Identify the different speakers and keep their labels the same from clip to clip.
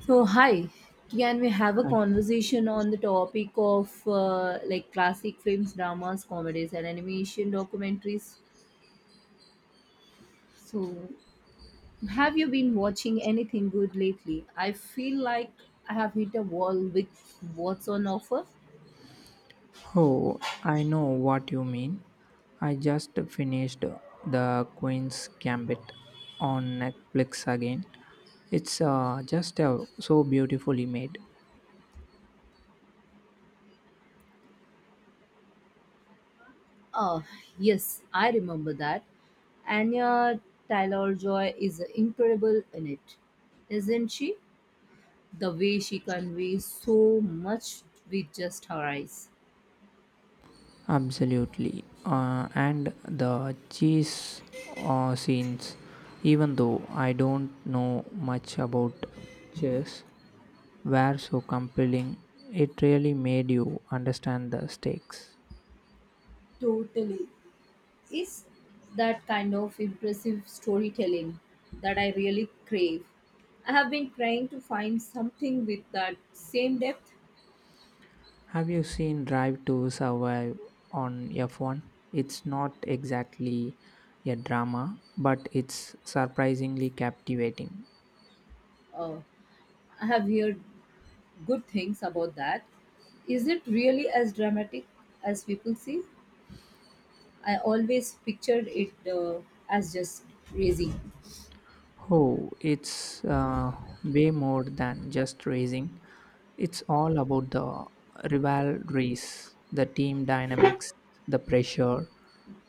Speaker 1: So, hi, can we have a
Speaker 2: Hi.
Speaker 1: conversation on the topic of like classic films, dramas, comedies, and animation documentaries? So, have you been watching anything good lately? I feel like I have hit a wall with what's on offer.
Speaker 2: Oh, I know what you mean. I just finished The Queen's Gambit on Netflix again. It's just so beautifully made.
Speaker 1: Ah yes, I remember that. Anya Taylor Joy is incredible in it, isn't she? The way she conveys so much with just her eyes.
Speaker 2: Absolutely. And the cheese scenes, even though I don't know much about chess, were so compelling. It really made you understand the stakes.
Speaker 1: Totally. It's that kind of impressive storytelling that I really crave. I have been trying to find something with that same depth.
Speaker 2: Have you seen Drive to Survive on F1? It's not exactly a drama, but it's surprisingly captivating.
Speaker 1: Uh, I have heard good things about that. Is it really as dramatic as people say? I always pictured it as just crazy.
Speaker 2: Oh, it's way more than just racing. It's all about the rivalries, the team dynamics, the pressure.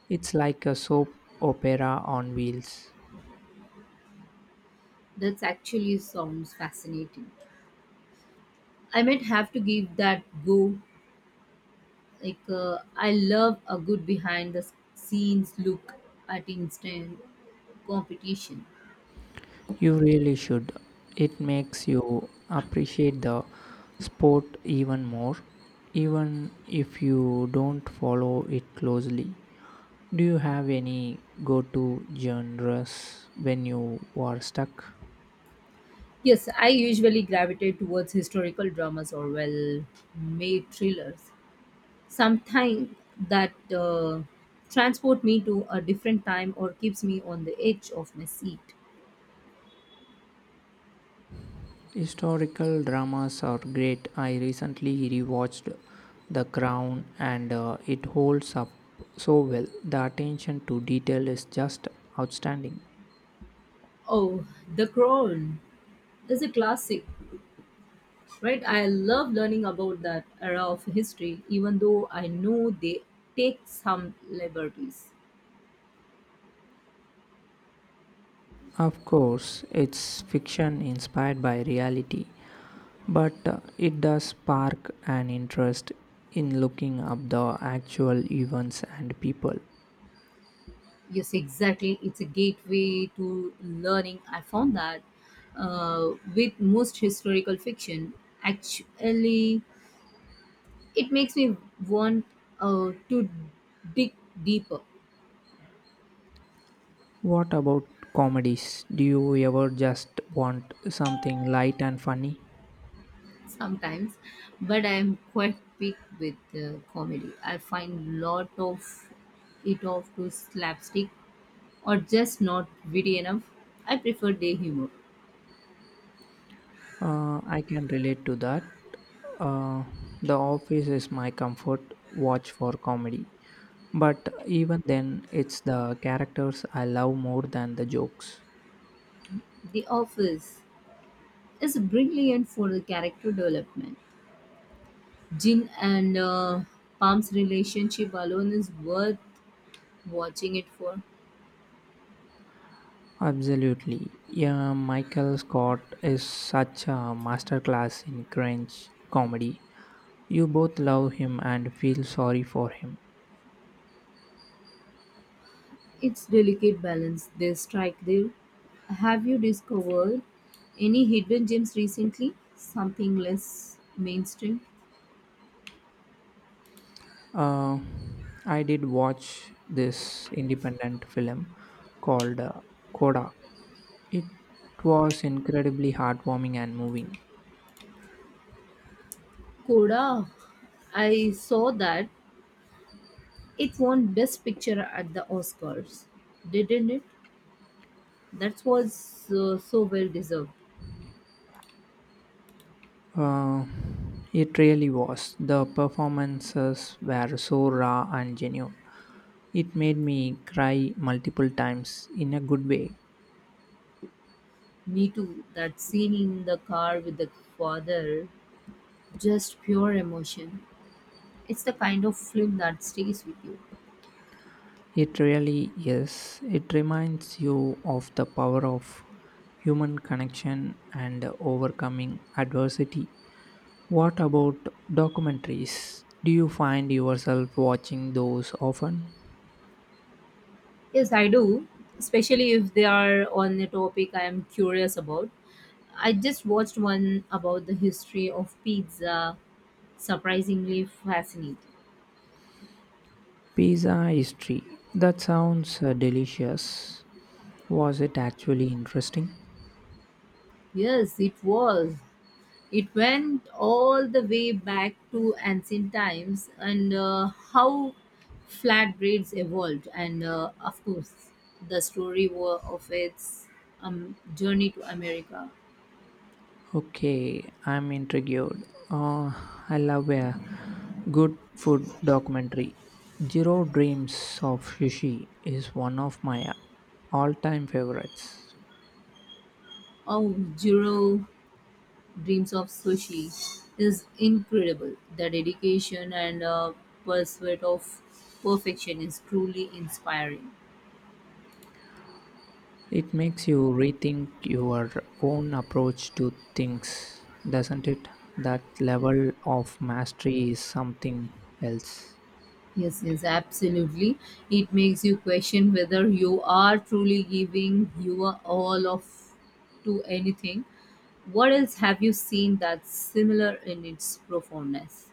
Speaker 2: It's like a soap opera on wheels.
Speaker 1: That actually sounds fascinating. I might have to give that go. Like I love a good behind the scenes look at instant competition.
Speaker 2: You really should. It makes you appreciate the sport even more, even if you don't follow it closely. Do you have any go to genres when you are stuck?
Speaker 1: Yes, I usually gravitate towards historical dramas or well made thrillers. Sometimes that transport me to a different time or keeps me on the edge of my seat.
Speaker 2: Historical dramas are great. I recently rewatched The Crown and it holds up so well. The attention to detail is just outstanding.
Speaker 1: Oh, The Crown is a classic, right? I love learning about that era of history, even though I know they take some liberties.
Speaker 2: Of course, it's fiction inspired by reality, but it does spark an interest in looking up the actual events and people.
Speaker 1: Yes, exactly. It's a gateway to learning. I found that with most historical fiction, actually, it makes me want to dig deeper
Speaker 2: What about comedies? Do you ever just want something light and funny?
Speaker 1: sometimes. But I'm quite big with comedy. I find lot of it off to slapstick or just not witty enough. I prefer day humor.
Speaker 2: I can relate to that. Uh, the Office is my comfort watch for comedy, but even then, it's the characters I love more than the jokes.
Speaker 1: The Office is brilliant for the character development. Jin and Pam's relationship alone is worth watching it for.
Speaker 2: Absolutely. Yeah, Michael Scott is such a masterclass in cringe comedy. You both love him and feel sorry for him.
Speaker 1: It's delicate balance they strike there. Have you discovered any hidden gems recently? Something less mainstream?
Speaker 2: Uh, I did watch this independent film called Coda. It was incredibly heartwarming and moving.
Speaker 1: Koda, I saw that it won Best Picture at the Oscars, didn't it? That was so well deserved.
Speaker 2: Uh, it really was. The performances were so raw and genuine. It made me cry multiple times in a good way.
Speaker 1: Me too. That scene in the car with the father, just pure emotion. It's the kind of film that stays with you.
Speaker 2: It really is. It reminds you of the power of human connection and overcoming adversity. What about documentaries? Do you find yourself watching those often?
Speaker 1: Yes, I do, especially if they are on a topic I am curious about. I just watched one about the history of pizza. Surprisingly fascinating.
Speaker 2: Pizza history. That sounds delicious. Was it actually interesting?
Speaker 1: Yes, it was. It went all the way back to ancient times and how flatbreads evolved, and of course, the story of its journey to America.
Speaker 2: Okay, I'm intrigued. Uh, I love a good food documentary. Zero Dreams of Sushi is one of my all time favorites.
Speaker 1: Oh, Jiro dreams of sushi is incredible. The dedication and pursuit of perfection is truly inspiring.
Speaker 2: It makes you rethink your own approach to things, doesn't it? That level of mastery is something else.
Speaker 1: Yes, yes, absolutely. It makes you question whether you are truly giving your all of to anything. What else have you seen that's similar in its profoundness?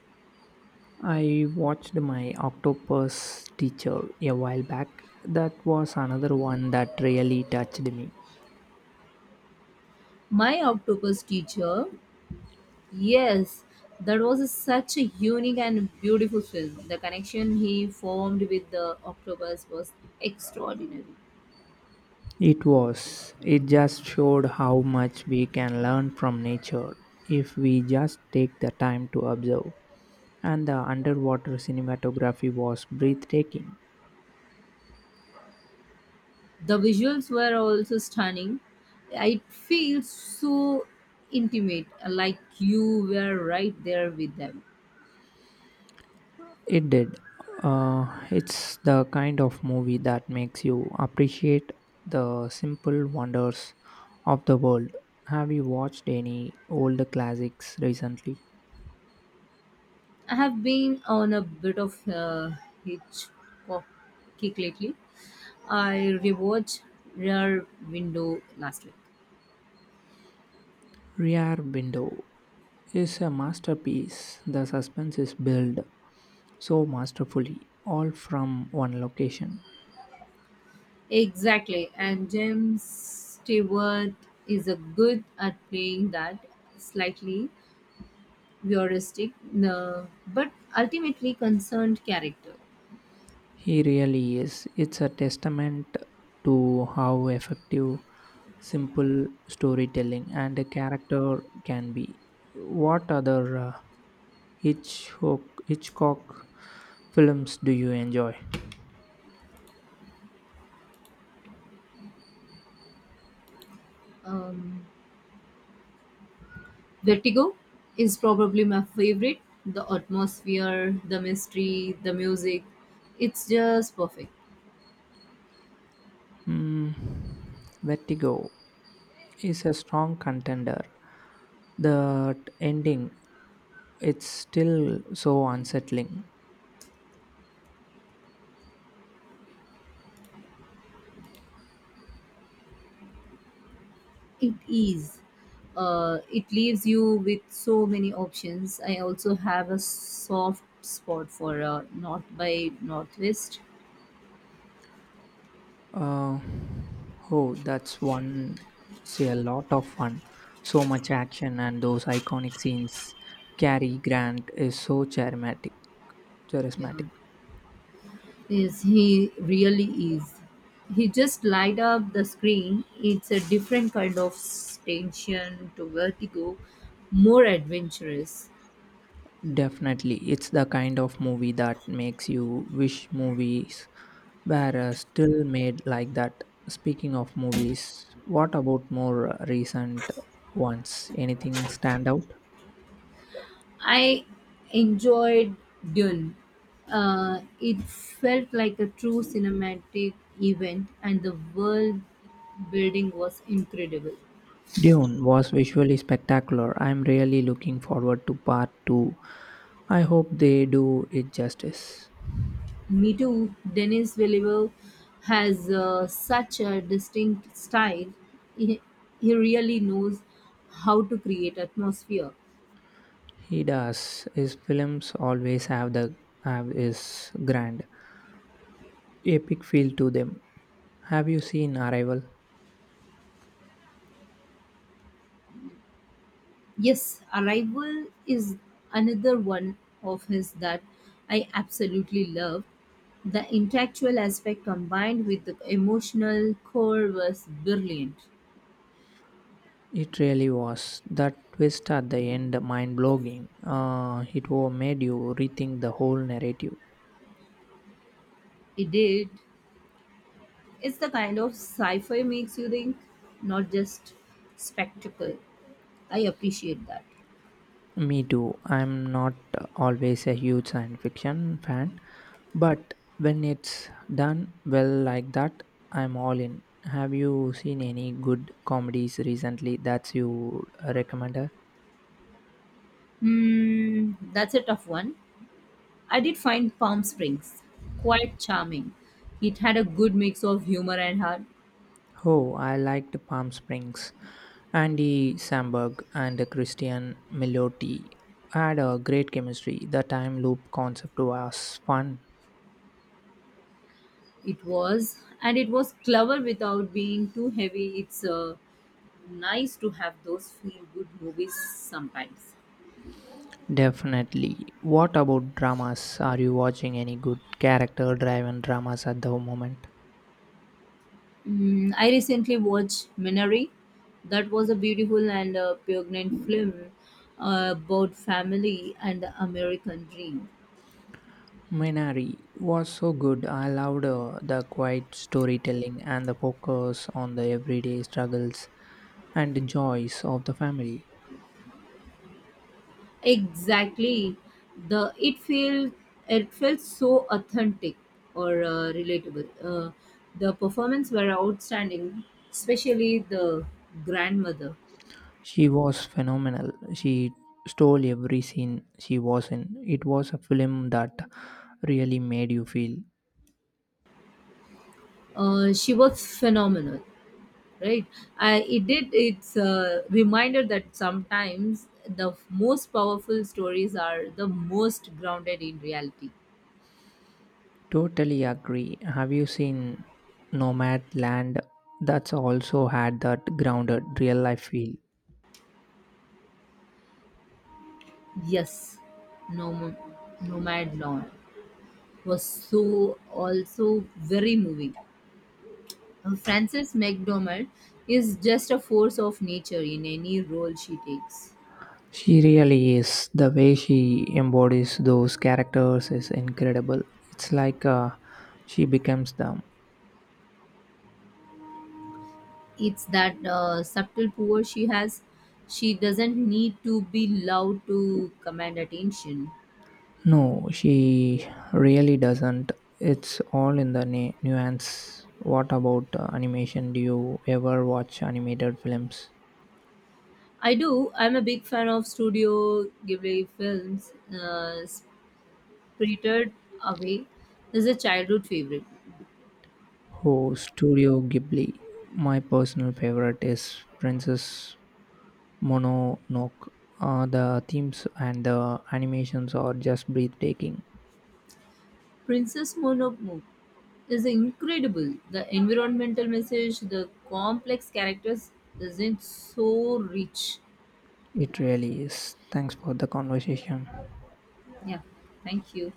Speaker 2: I watched my octopus teacher a while back. That was another one that really touched me.
Speaker 1: My octopus teacher. Yes, that was such a unique and beautiful film. The connection he formed with the octopus was extraordinary.
Speaker 2: It was. It just showed how much we can learn from nature if we just take the time to observe. And the underwater cinematography was breathtaking.
Speaker 1: The visuals were also stunning. It feels so intimate, like you were right there with them.
Speaker 2: It did. It's the kind of movie that makes you appreciate the simple wonders of the world. Have you watched any old classics recently?
Speaker 1: I have been on a bit of a Hitchcock kick lately. I rewatched Rear Window last week.
Speaker 2: Rear Window is a masterpiece. The suspense is built so masterfully, all from one location.
Speaker 1: Exactly, and James Stewart is a good at playing that slightly voyeuristic, but ultimately concerned character.
Speaker 2: He really is. It's a testament to how effective simple storytelling and a character can be. What other Hitchcock, Hitchcock films do you enjoy?
Speaker 1: Um, Vertigo is probably my favorite. The atmosphere, the mystery, the music, it's just perfect.
Speaker 2: Mm, Vertigo is a strong contender. The ending it's still so unsettling.
Speaker 1: It is. It leaves you with so many options. I also have a soft spot for North by Northwest.
Speaker 2: Uh, oh, that's one, say, a lot of fun. So much action, and those iconic scenes. Cary Grant is so charismatic.
Speaker 1: Yeah.
Speaker 2: charismatic.
Speaker 1: Yes, he really is. He just light up the screen. It's a different kind of tension to vertigo, more adventurous.
Speaker 2: Definitely, it's the kind of movie that makes you wish movies were still made like that. Speaking of movies, what about more recent ones? Anything stand out?
Speaker 1: I enjoyed Dune. It felt like a true cinematic event, and the world building was incredible.
Speaker 2: Dune was visually spectacular. I'm really looking forward to part 2. I hope they do it justice.
Speaker 1: Me too. Denis Villeneuve has such a distinct style. He, he really knows how to create atmosphere.
Speaker 2: He does. His films always have the have his grand epic feel to them. Have you seen Arrival?
Speaker 1: Yes, Arrival is another one of his that I absolutely love. The intellectual aspect combined with the emotional core was brilliant.
Speaker 2: It really was. That twist at the end mind blowing. It wa- made you rethink the whole narrative.
Speaker 1: It did. It's the kind of sci-fi makes you think, not just spectacle. I appreciate that.
Speaker 2: Me too. I'm not always a huge science fiction fan, but when it's done well like that, I'm all in. Have you seen any good comedies recently that you recommended?
Speaker 1: Hmm, that's a tough one. I did find Palm Springs quite charming. It had a good mix of humor and heart.
Speaker 2: Oh, I liked Palm Springs. Andy Samberg and Christian Milotti had a great chemistry. The time loop concept was fun.
Speaker 1: It was, and it was clever without being too heavy. It's nice to have those feel good movies sometimes.
Speaker 2: Definitely. What about dramas? Are you watching any good character driven dramas at the moment?
Speaker 1: Mm, I recently watched Minari. That was a beautiful and poignant film about family and the American dream.
Speaker 2: Minari was so good. I loved the quiet storytelling and the focus on the everyday struggles and joys of the family.
Speaker 1: Exactly. The it feels it felt so authentic or relatable. The performance were outstanding, especially the grandmother.
Speaker 2: She was phenomenal. She stole every scene she was in. It was a film that really made you feel.
Speaker 1: She was phenomenal, right? I, it did. It's a reminder that sometimes the most powerful stories are the most grounded in reality.
Speaker 2: Totally agree. Have you seen Nomadland? That's also had that grounded real life feel.
Speaker 1: Yes, Nom- Nomad Lawn was so also very moving. Frances McDormand is just a force of nature in any role she takes.
Speaker 2: She really is. The way she embodies those characters is incredible. It's like she becomes them.
Speaker 1: It's that subtle power she has. She doesn't need to be loud to command attention.
Speaker 2: No, she really doesn't. It's all in the nuance. What about animation? Do you ever watch animated films?
Speaker 1: I do. I'm a big fan of Studio Ghibli films. Spirited Away is a childhood favorite.
Speaker 2: Oh, Studio Ghibli. My personal favorite is Princess Mononoke. The themes and the animations are just breathtaking.
Speaker 1: Princess Mononoke is incredible. The environmental message, the complex characters isn't so rich.
Speaker 2: It really is. Thanks for the conversation.
Speaker 1: Yeah. Thank you.